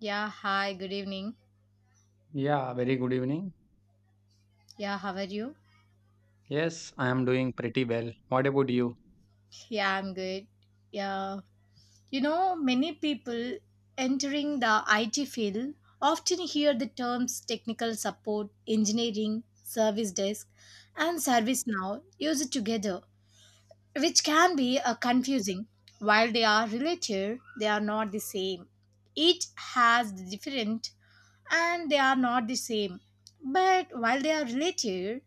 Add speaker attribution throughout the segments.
Speaker 1: Yeah, hi, good evening.
Speaker 2: Yeah, very good evening.
Speaker 1: Yeah, how are you?
Speaker 2: Yes, I am doing pretty well. What about you?
Speaker 1: Yeah, I'm good. Yeah, many people entering the IT field often hear the terms technical support, engineering, service desk, and service now used together, which can be confusing. While they are related, they are not the same. Each has the different and they are not the same. But while they are related,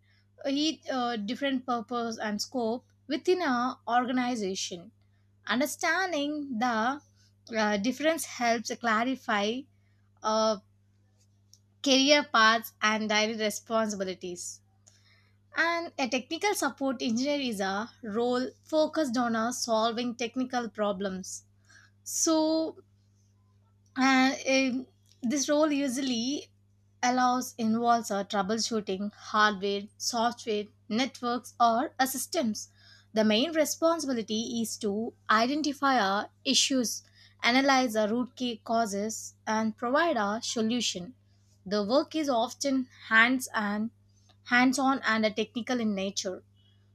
Speaker 1: each different purpose and scope within a organization. Understanding the difference helps clarify uh, career paths and daily responsibilities. And a technical support engineer is a role focused on solving technical problems. So And This role usually allows involves troubleshooting hardware, software, networks, or systems. The main responsibility is to identify our issues, analyze the root causes, and provide a solution. The work is often hands-on and technical in nature.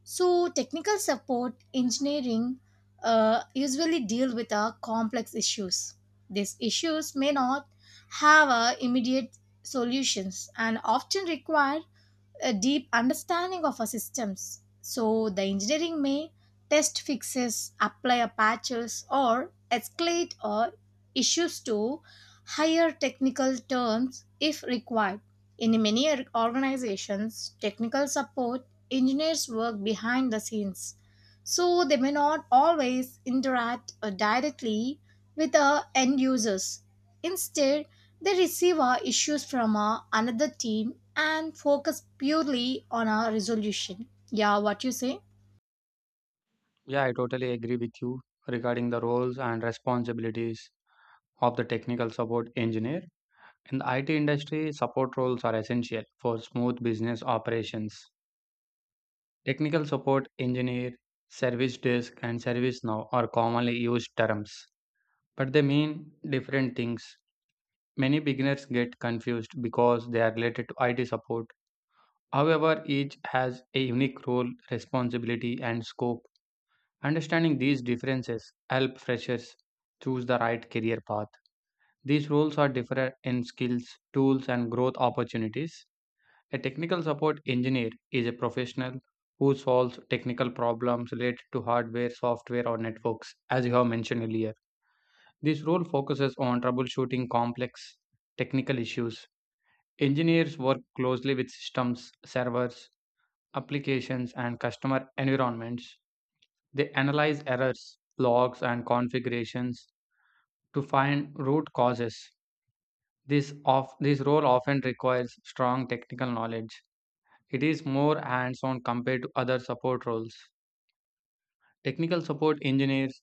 Speaker 1: So, technical support engineering usually deal with complex issues. These issues may not have immediate solutions and often require a deep understanding of our systems. So the engineering may test fixes, apply a patches, or escalate or issues to higher technical terms if required. In many organizations, technical support engineers work behind the scenes so they may not always interact directly with the end users. Instead, they receive our issues from another team and focus purely on our resolution. Yeah, what you say?
Speaker 2: Yeah, I totally agree with you regarding the roles and responsibilities of the technical support engineer. In the IT industry, support roles are essential for smooth business operations. Technical support engineer, service desk, and service now are commonly used terms, but they mean different things. Many beginners get confused because they are related to IT support. However, each has a unique role, responsibility, and scope. Understanding these differences help freshers choose the right career path. These roles are different in skills, tools, and growth opportunities. A technical support engineer is a professional who solves technical problems related to hardware, software, or networks, as you have mentioned earlier. This role focuses on troubleshooting complex technical issues. Engineers work closely with systems, servers, applications, and customer environments. They analyze errors, logs, and configurations to find root causes. This role often requires strong technical knowledge. It is more hands on compared to other support roles. Technical support engineers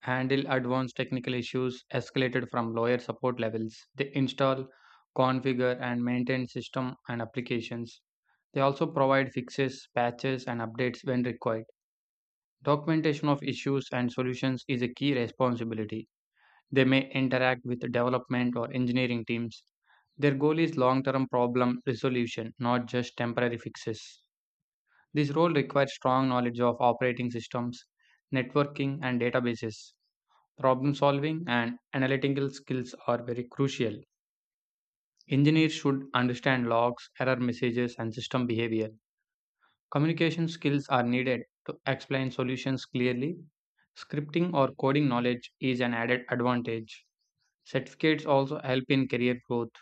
Speaker 2: handle advanced technical issues escalated from lower support levels. They install, configure, and maintain system and applications. They also provide fixes, patches, and updates when required. Documentation of issues and solutions is a key responsibility. They may interact with development or engineering teams. Their goal is long term problem resolution, not just temporary fixes. This role requires strong knowledge of operating systems, networking, and databases. Problem solving and analytical skills are very crucial. Engineers should understand logs, error messages, and system behavior. Communication skills are needed to explain solutions clearly. Scripting or coding knowledge is an added advantage. Certificates also help in career growth.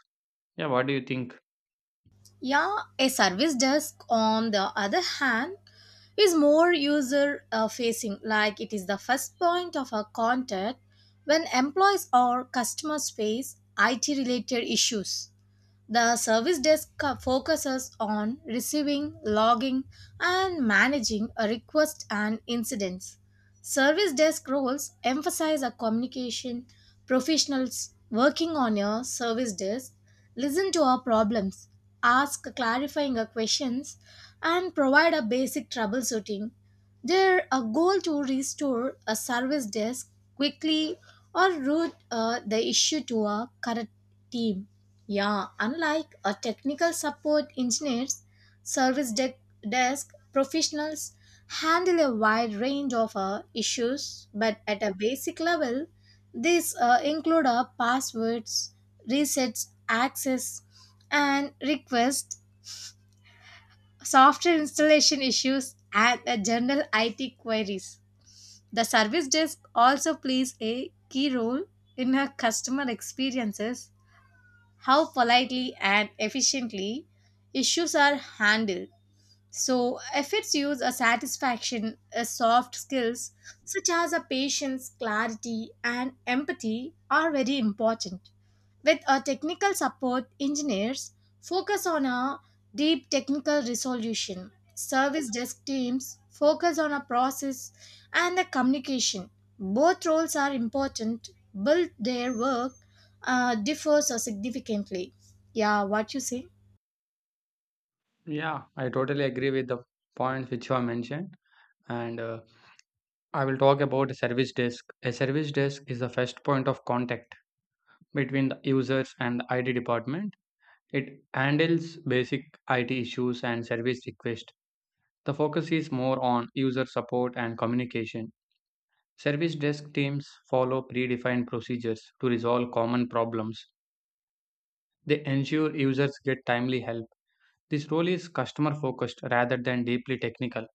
Speaker 2: Yeah, what do you think?
Speaker 1: Yeah, a service desk, on the other hand, is more user facing, like it is the first point of our contact when employees or customers face IT related issues. The service focuses on receiving, logging, and managing a request and incidents. Service desk roles emphasize a communication. Professionals working on your service desk listen to our problems, ask clarifying our questions, and provide a basic troubleshooting. Their a goal to restore a service desk quickly or route the issue to a correct team. Yeah, unlike a technical support engineers, service de- desk professionals handle a wide range of issues, but at a basic level, these include passwords, resets, access, and request, software installation issues, and general IT queries. The service desk also plays a key role in our customer experiences how politely and efficiently issues are handled so, efforts use a satisfaction, a soft skills such as a patience, clarity, and empathy are very important. With a technical support, engineers focus on a deep technical resolution. Service desk teams focus on a process and the communication. Both roles are important, but their work differs significantly. Yeah, what you say?
Speaker 2: Yeah, I totally agree with the points which you have mentioned. And I will talk about a service desk. A service desk is the first point of contact between the users and the IT department. It handles basic IT issues and service requests. The focus is more on user support and communication. Service desk teams follow predefined procedures to resolve common problems. They ensure users get timely help. This role is customer focused rather than deeply technical.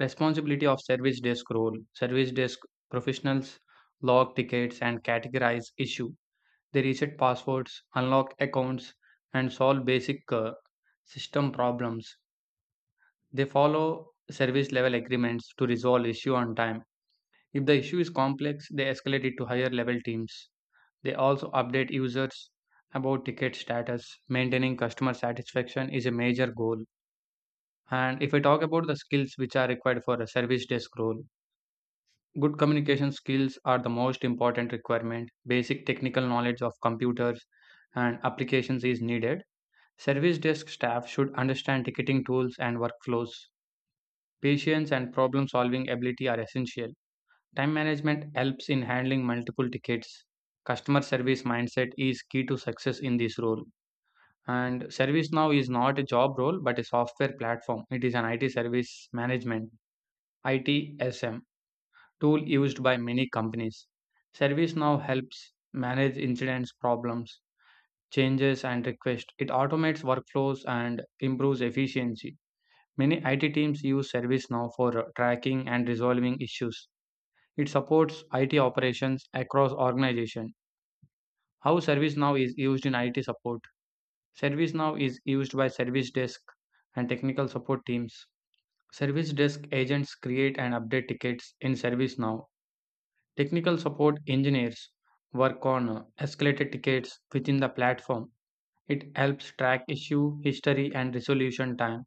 Speaker 2: Responsibility of service desk role. Service desk professionals log tickets and categorize issue. They reset passwords, unlock accounts and solve basic system problems. They follow service level agreements to resolve issue on time. If the issue is complex, they escalate it to higher level teams. They also update users about ticket status. Maintaining customer satisfaction is a major goal. And if I talk about the skills which are required for a service desk role, good communication skills are the most important requirement. Basic technical knowledge of computers and applications is needed. Service desk staff should understand ticketing tools and workflows. Patience and problem solving ability are essential. Time management helps in handling multiple tickets. Customer service mindset is key to success in this role. And ServiceNow is not a job role but a software platform. It is an IT service management (ITSM) tool used by many companies. ServiceNow helps manage incidents, problems, changes, and requests. It automates workflows and improves efficiency. Many IT teams use ServiceNow for tracking and resolving issues. It supports IT operations across organization. How ServiceNow is used in IT support? ServiceNow is used by service desk and technical support teams. Service desk agents create and update tickets in ServiceNow. Technical support engineers work on escalated tickets within the platform. It helps track issue history and resolution time.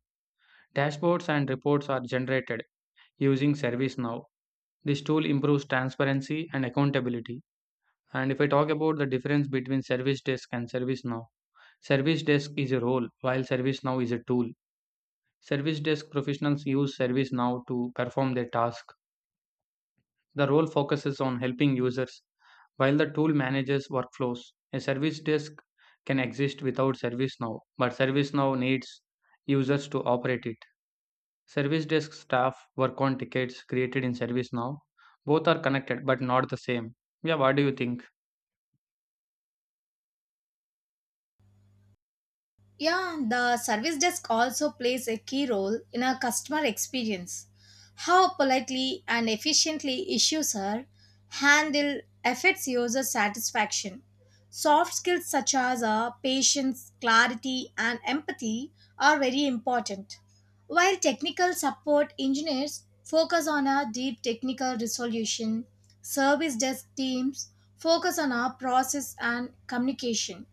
Speaker 2: Dashboards and reports are generated using ServiceNow. This tool improves transparency and accountability. And if I talk about the difference between Service Desk and ServiceNow, Service Desk is a role while ServiceNow is a tool. Service desk professionals use ServiceNow to perform their task. The role focuses on helping users while the tool manages workflows. A service desk can exist without ServiceNow, but ServiceNow needs users to operate it. Service desk staff work on tickets created in ServiceNow. Both are connected but not the same. Yeah, what do you think?
Speaker 1: Yeah, the service desk also plays a key role in our customer experience. How politely and efficiently issues are handled affects user satisfaction. Soft skills such as patience, clarity, and empathy are very important. While technical support engineers focus on our deep technical resolution, service desk teams focus on our process and communication.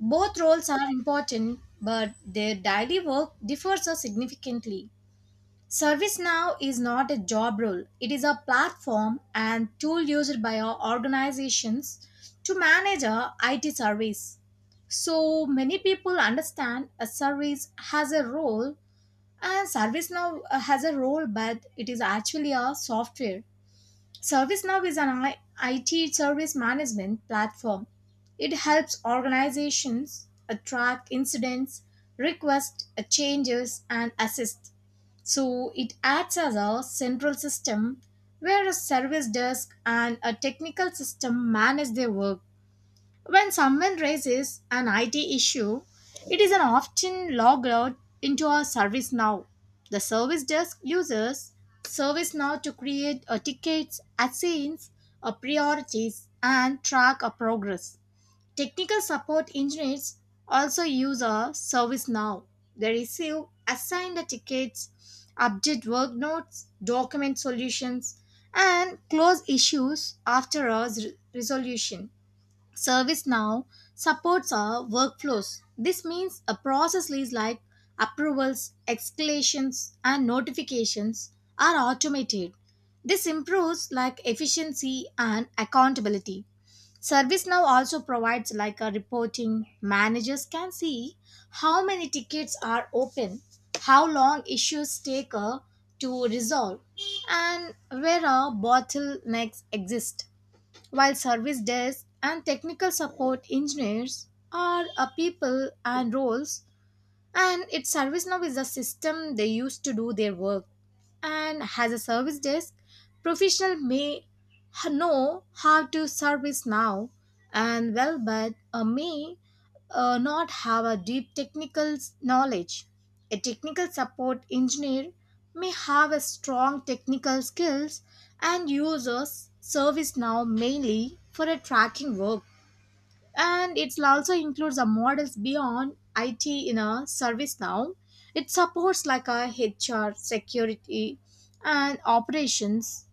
Speaker 1: Both roles are important, but their daily work differs so significantly. ServiceNow is not a job role, it is a platform and tool used by our organizations to manage our IT service. So many people understand a service has a role and ServiceNow has a role, but it is actually a software. ServiceNow is an IT service management platform. It helps organizations track incidents, request changes, and assist. So it acts as a central system where a service desk and a technical system manage their work. When someone raises an IT issue, it is an often logged out into a ServiceNow. The service desk uses ServiceNow to create a tickets, assigns a priorities, and track a progress. Technical support engineers also use a ServiceNow. They receive assigned tickets, update work notes, document solutions, and close issues after resolution. ServiceNow supports our workflows. This means a process list like approvals, escalations, and notifications are automated. This improves like efficiency and accountability. ServiceNow also provides like a reporting. Managers can see how many tickets are open, how long issues take to resolve, and where are bottlenecks exist while service desk and technical support engineers are a people and roles and its service now is a system they use to do their work and has a service desk professional may know how to service now and well but may not have a deep technical knowledge a technical support engineer may have a strong technical skills and uses service now mainly for a tracking work and it also includes a models beyond IT in a service now. It supports like a HR, security, and operations,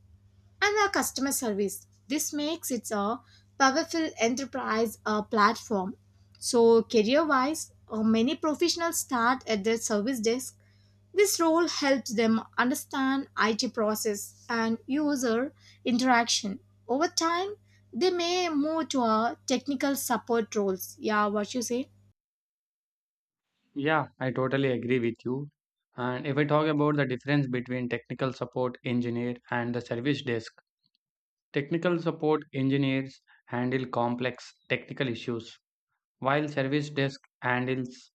Speaker 1: and a customer service. This makes it a powerful enterprise platform. So, career-wise, many professionals start at their service desk this role helps them understand IT process and user interaction. Over time, they may move to a technical support roles. Yeah, what you say?
Speaker 2: Yeah, I totally agree with you. And if I talk about the difference between technical support engineer and the service desk, technical support engineers handle complex technical issues, while service desk handles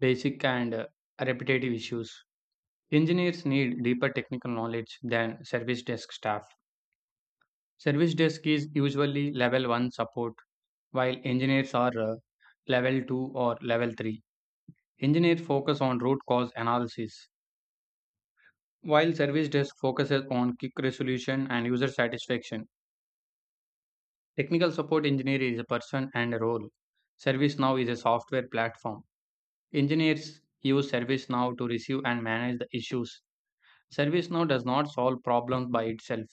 Speaker 2: basic and repetitive issues. Engineers need deeper technical knowledge than service desk staff. Service desk is usually level 1 support, while engineers are level 2 or level 3. Engineers focus on root cause analysis, while service desk focuses on quick resolution and user satisfaction. Technical support engineer is a person and a role. ServiceNow is a software platform. Engineers use ServiceNow to receive and manage the issues. ServiceNow does not solve problems by itself.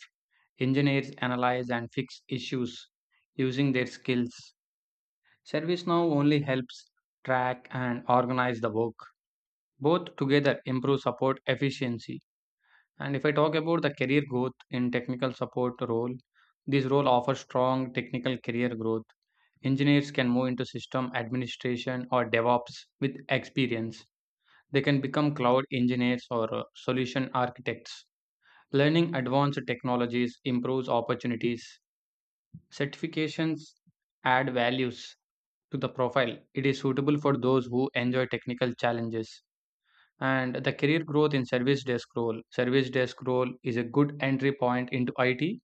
Speaker 2: Engineers analyze and fix issues using their skills. ServiceNow only helps track and organize the work. Both together improve support efficiency. And if I talk about the career growth in technical support role, this role offers strong technical career growth. Engineers can move into system administration or DevOps with experience. They can become cloud engineers or solution architects. Learning advanced technologies improves opportunities. Certifications add values to the profile. It is suitable for those who enjoy technical challenges. And the career growth in service desk role. Service desk role is a good entry point into IT.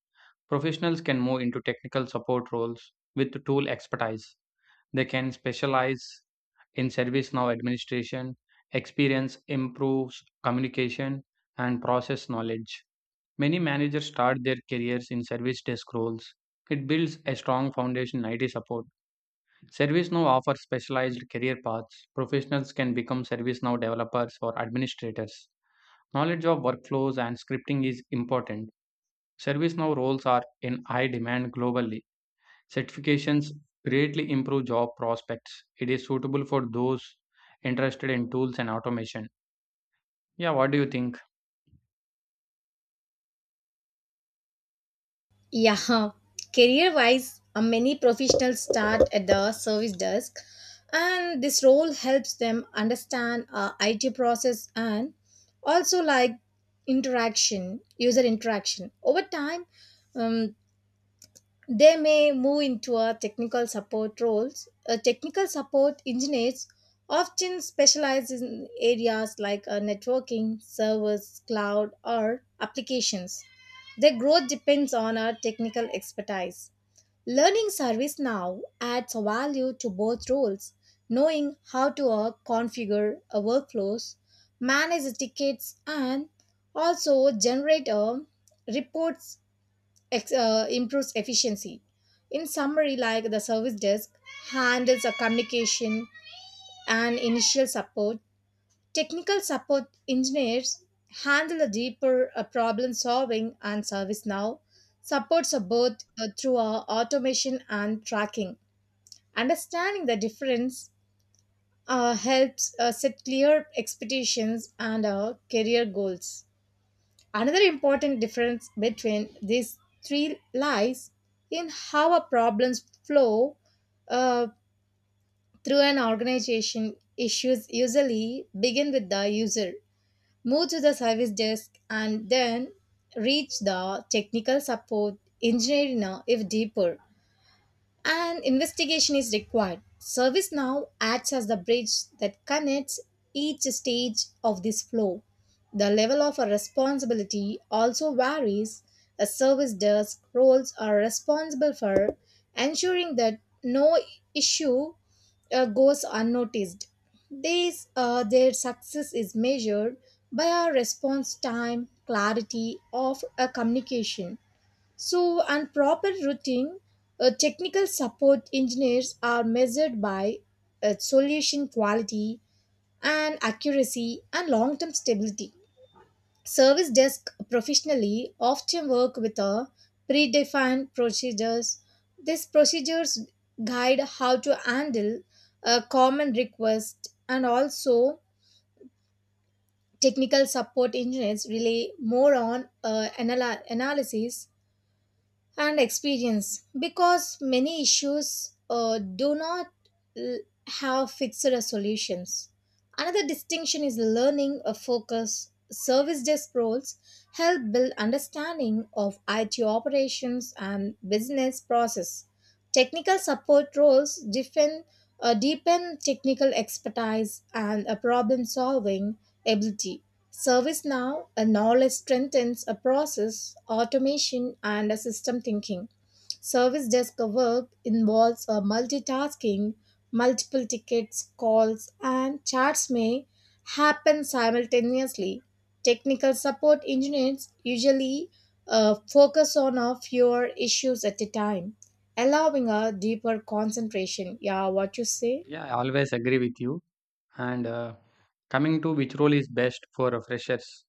Speaker 2: Professionals can move into technical support roles with tool expertise. They can specialize in service now administration. Experience improves communication and process knowledge. Many managers start their careers in service desk roles. It builds a strong foundation in IT support. ServiceNow offers specialized career paths. Professionals can become ServiceNow developers or administrators. Knowledge of workflows and scripting is important. ServiceNow roles are in high demand globally. Certifications greatly improve job prospects. It is suitable for those interested in tools and automation. Yeah, what do you think?
Speaker 1: Yeah, career wise, many professionals start at the service desk, and this role helps them understand IT process and also like interaction, user interaction. Over time, um, they may move into a technical support roles. A technical support engineers often specialize in areas like networking, servers, cloud, or applications. Their growth depends on our technical expertise. Learning service now adds value to both roles, knowing how to configure a workflows, manage tickets, and also generate reports improves efficiency. In summary, like the service desk handles a communication and initial support, technical support engineers handle the deeper problem solving, and service now supports both through automation and tracking. Understanding the difference helps set clear expectations and career goals. Another important difference between these three lies in how a problems flow uh, through an organization. Issues usually begin with the user, move to the service desk, and then reach the technical support engineer if deeper. An investigation is required. ServiceNow acts as the bridge that connects each stage of this flow. The level of a responsibility also varies. A service desk roles are responsible for ensuring that no issue goes unnoticed. These, their success is measured by our response time, clarity of a communication, so, on proper routing, technical support engineers are measured by solution quality and accuracy and long term stability. Service desk professionally often work with a predefined procedures. These procedures guide how to handle a common request and also technical support engineers rely more on analysis and experience because many issues do not l- have fixed solutions. Another distinction is learning a focus. Service desk roles help build understanding of IT operations and business process. Technical support roles deepen technical expertise and problem solving ability. ServiceNow, a knowledge strengthens a process, automation, and a system thinking. Service desk work involves a multitasking, multiple tickets, calls, and chats may happen simultaneously. Technical support engineers usually focus on a fewer issues at a time, allowing a deeper concentration. Yeah, what you say?
Speaker 2: Yeah, I always agree with you. And coming to which role is best for freshers,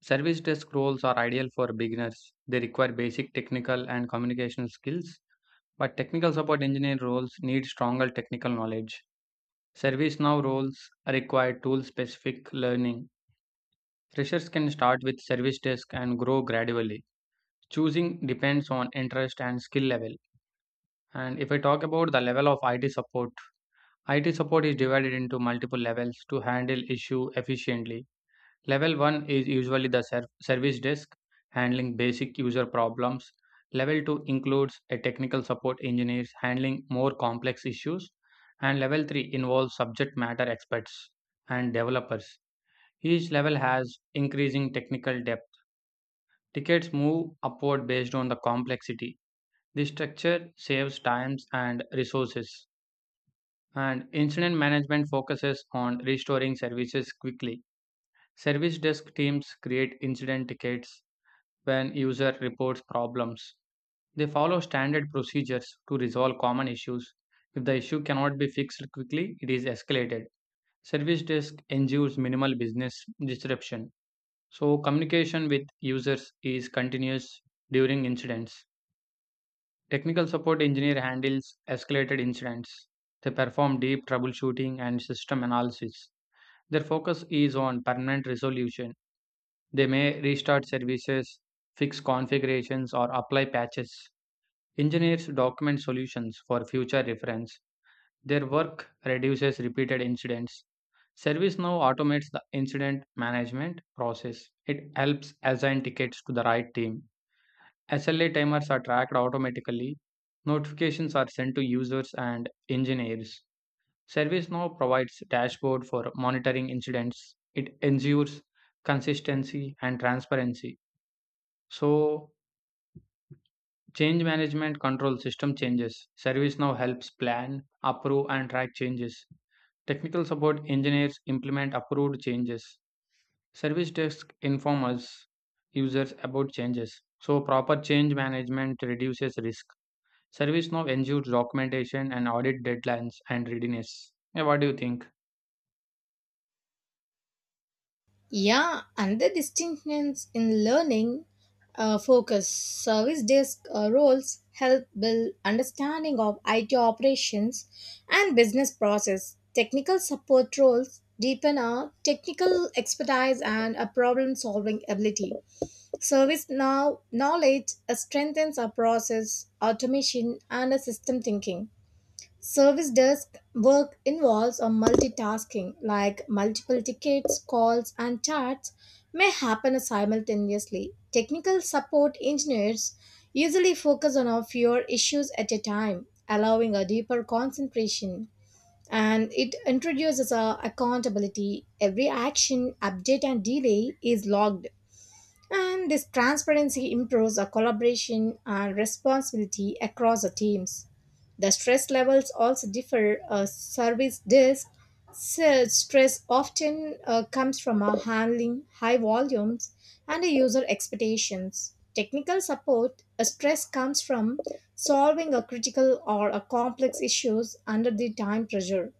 Speaker 2: service desk roles are ideal for beginners. They require basic technical and communication skills, but technical support engineer roles need stronger technical knowledge. ServiceNow roles require tool specific learning. Freshers can start with service desk and grow gradually. Choosing depends on interest and skill level. And if I talk about the level of IT support, IT support is divided into multiple levels to handle issue efficiently. Level 1 is usually the service desk handling basic user problems. Level 2 includes a technical support engineers handling more complex issues and level 3 involves subject matter experts and developers. Each level has increasing technical depth. Tickets move upward based on the complexity. This structure saves times and resources. And incident management focuses on restoring services quickly. Service desk teams create incident tickets when user reports problems. They follow standard procedures to resolve common issues. If the issue cannot be fixed quickly, it is escalated. Service desk ensures minimal business disruption. So, communication with users is continuous during incidents. Technical support engineer handles escalated incidents. They perform deep troubleshooting and system analysis. Their focus is on permanent resolution. They may restart services, fix configurations, or apply patches. Engineers document solutions for future reference. Their work reduces repeated incidents. ServiceNow automates the incident management process. It helps assign tickets to the right team. SLA timers are tracked automatically, notifications are sent to users and engineers. ServiceNow provides dashboard for monitoring incidents. It ensures consistency and transparency. So, change management controls system changes. ServiceNow helps plan, approve and track changes. Technical support engineers implement approved changes. Service desk informs users about changes. So, proper change management reduces risk. ServiceNow ensures documentation and audit deadlines and readiness. Yeah, what do you think?
Speaker 1: Yeah, another distinctions in learning focus service desk roles help build understanding of IT operations and business process. Technical support roles deepen our technical expertise and a problem solving ability. Service now knowledge strengthens our process automation and a system thinking. Service desk work involves a multitasking, like multiple tickets, calls, and chats may happen simultaneously. Technical support engineers usually focus on a fewer issues at a time, allowing a deeper concentration. And it introduces a accountability. Every action, update, and delay is logged, and this transparency improves our collaboration and responsibility across the teams. The stress levels also differ. A service desk said stress often comes from our handling high volumes and the user expectations. Technical support a stress comes from solving a critical or a complex issues under the time pressure.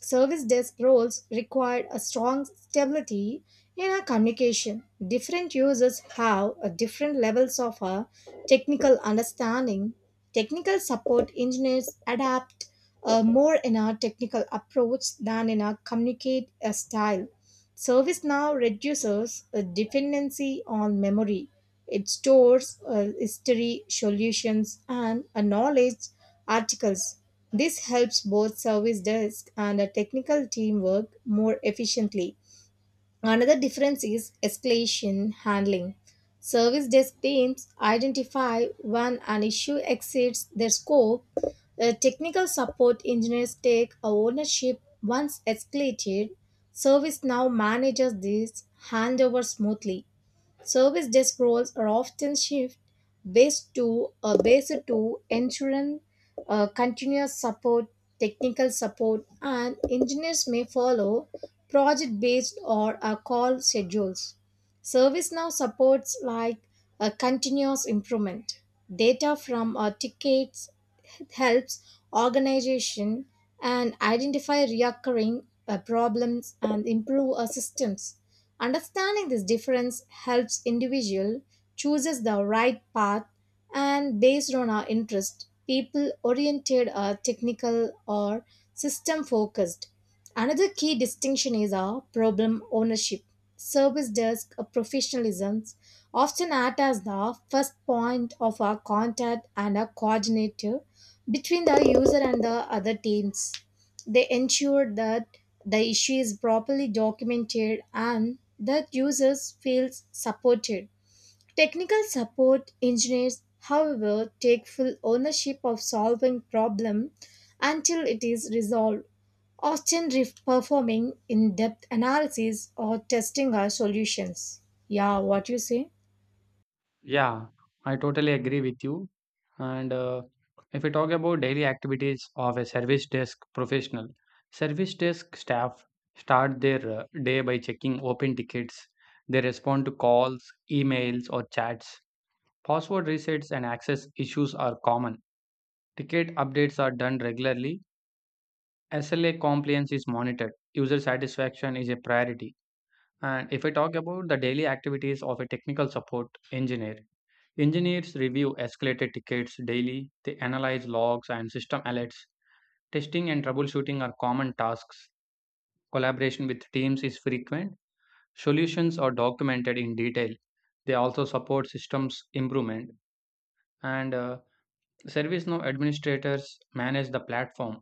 Speaker 1: Service desk roles required a strong stability in our communication. Different users have a different levels of a technical understanding. Technical support engineers adapt more in our technical approach than in our communicate style. ServiceNow reduces a dependency on memory. It stores history, solutions, and knowledge articles. This helps both service desk and a technical team work more efficiently. Another difference is escalation handling. Service desk teams identify when an issue exceeds their scope. The technical support engineers take ownership once escalated. Service now manages this handover smoothly. Service desk roles are often shift based to based to ensuring continuous support, technical support, and engineers may follow project based or call schedules. Service now supports like a continuous improvement. Data from our tickets helps organization and identify recurring problems and improve our systems. Understanding this difference helps individual chooses the right path and based on our interest, people oriented or technical or system focused. Another key distinction is our problem ownership service desk professionalism often act as the first point of our contact and a coordinator between the user and the other teams. They ensure that the issue is properly documented and that users feel supported. Technical support engineers, however, take full ownership of solving problem until it is resolved, performing in-depth analysis or testing our solutions. Yeah, what you say?
Speaker 2: Yeah, I totally agree with you. And if we talk about daily activities of a service desk professional, service desk staff start their day by checking open tickets. They respond to calls, emails, or chats. Password resets and access issues are common. Ticket updates are done regularly. SLA compliance is monitored. User satisfaction is a priority. And if I talk about the daily activities of a technical support engineer, engineers review escalated tickets daily, they analyze logs and system alerts. Testing and troubleshooting are common tasks. Collaboration with teams is frequent. Solutions are documented in detail. They also support systems improvement. And ServiceNow administrators manage the platform.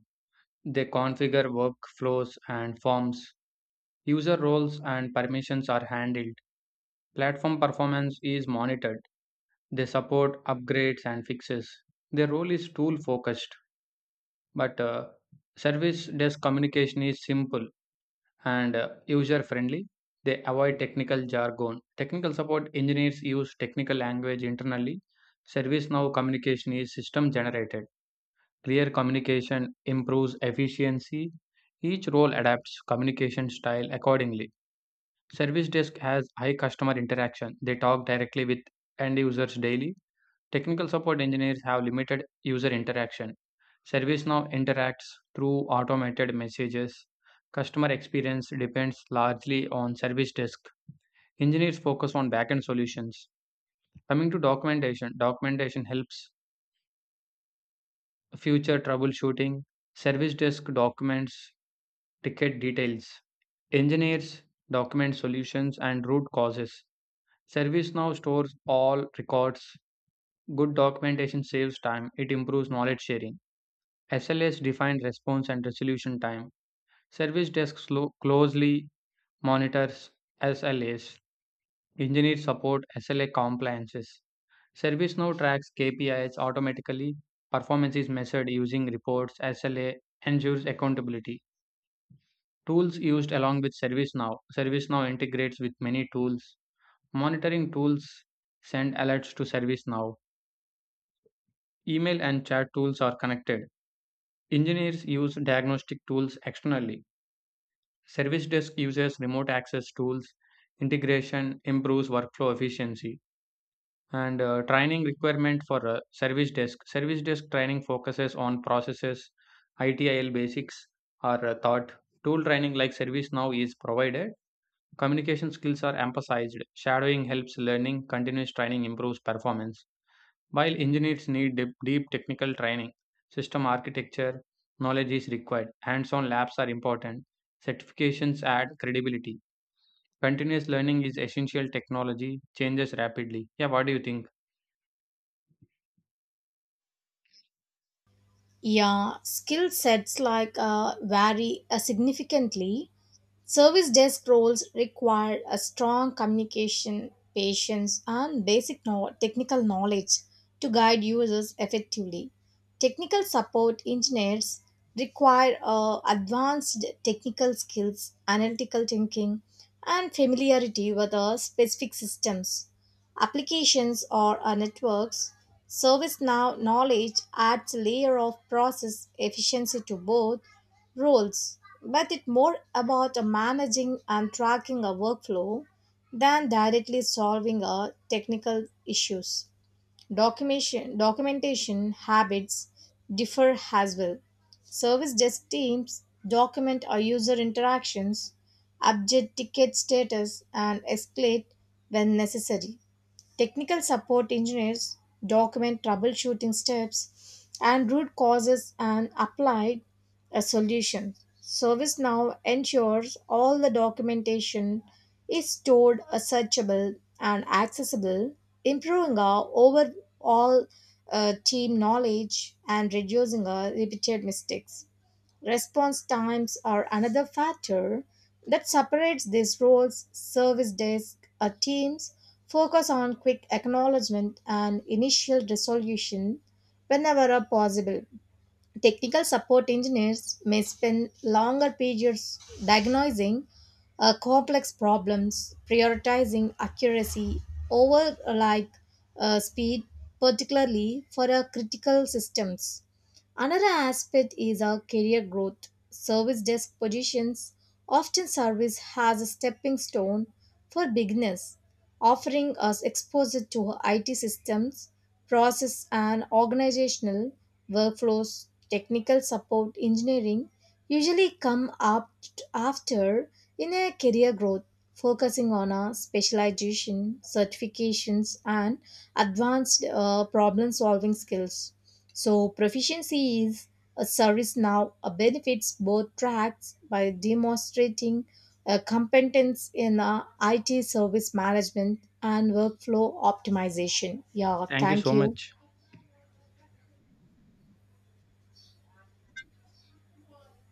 Speaker 2: They configure workflows and forms. User roles and permissions are handled. Platform performance is monitored. They support upgrades and fixes. Their role is tool focused, but service desk communication is simple and user friendly. They avoid technical jargon. Technical support engineers use technical language internally. Service now communication is system generated. Clear communication improves efficiency. Each role adapts communication style accordingly. Service desk has high customer interaction. They talk directly with end users daily. Technical support engineers have limited user interaction. ServiceNow interacts through automated messages. Customer experience depends largely on service desk. Engineers focus on backend solutions. Coming to documentation, documentation helps future troubleshooting. Service desk documents ticket details. Engineers document solutions and root causes. ServiceNow stores all records. Good documentation saves time, it improves knowledge sharing. SLAs define response and resolution time. Service desks closely monitors SLAs. Engineers support SLA compliances. ServiceNow tracks KPIs automatically. Performance is measured using reports. SLA ensures accountability. Tools used along with ServiceNow. ServiceNow integrates with many tools. Monitoring tools send alerts to ServiceNow. Email and chat tools are connected. Engineers use diagnostic tools externally. Service Desk uses remote access tools, integration improves workflow efficiency. And training requirement for Service Desk. Service Desk training focuses on processes, ITIL basics are taught. Tool training like ServiceNow is provided. Communication skills are emphasized. Shadowing helps learning. Continuous training improves performance. While engineers need deep technical training, system architecture knowledge is required. Hands on labs are important. Certifications add credibility. Continuous learning is essential technology changes rapidly. Yeah, what do you think?
Speaker 1: Yeah, skill sets like vary significantly. Service desk roles require a strong communication, patience, and technical knowledge to guide users effectively. Technical support engineers require advanced technical skills, analytical thinking, and familiarity with specific systems, applications, or networks. Service now knowledge adds a layer of process efficiency to both roles, but it's more about managing and tracking a workflow than directly solving a technical issues. Documentation, documentation habits differ as well. Service desk teams document our user interactions, update ticket status, and escalate when necessary. Technical support engineers document troubleshooting steps and root causes and apply a solution. ServiceNow ensures all the documentation is stored, searchable, and accessible, improving our overall team knowledge and reducing our repeated mistakes. Response times are another factor that separates these roles. Service desk teams focus on quick acknowledgement and initial resolution whenever are possible. Technical support engineers may spend longer periods diagnosing complex problems, prioritizing accuracy over speed, particularly for critical systems. Another aspect is our career growth. Service desk positions often serve as a stepping stone for beginners offering us exposure to IT systems, process and organizational workflows, technical support, engineering, usually come up after in a career growth focusing on a specialization certifications and advanced problem solving skills so proficiency is a service now benefits both tracks by demonstrating a competence in IT service management and workflow optimization. Yeah,
Speaker 2: Thank you
Speaker 1: thank
Speaker 2: so
Speaker 1: you.
Speaker 2: much.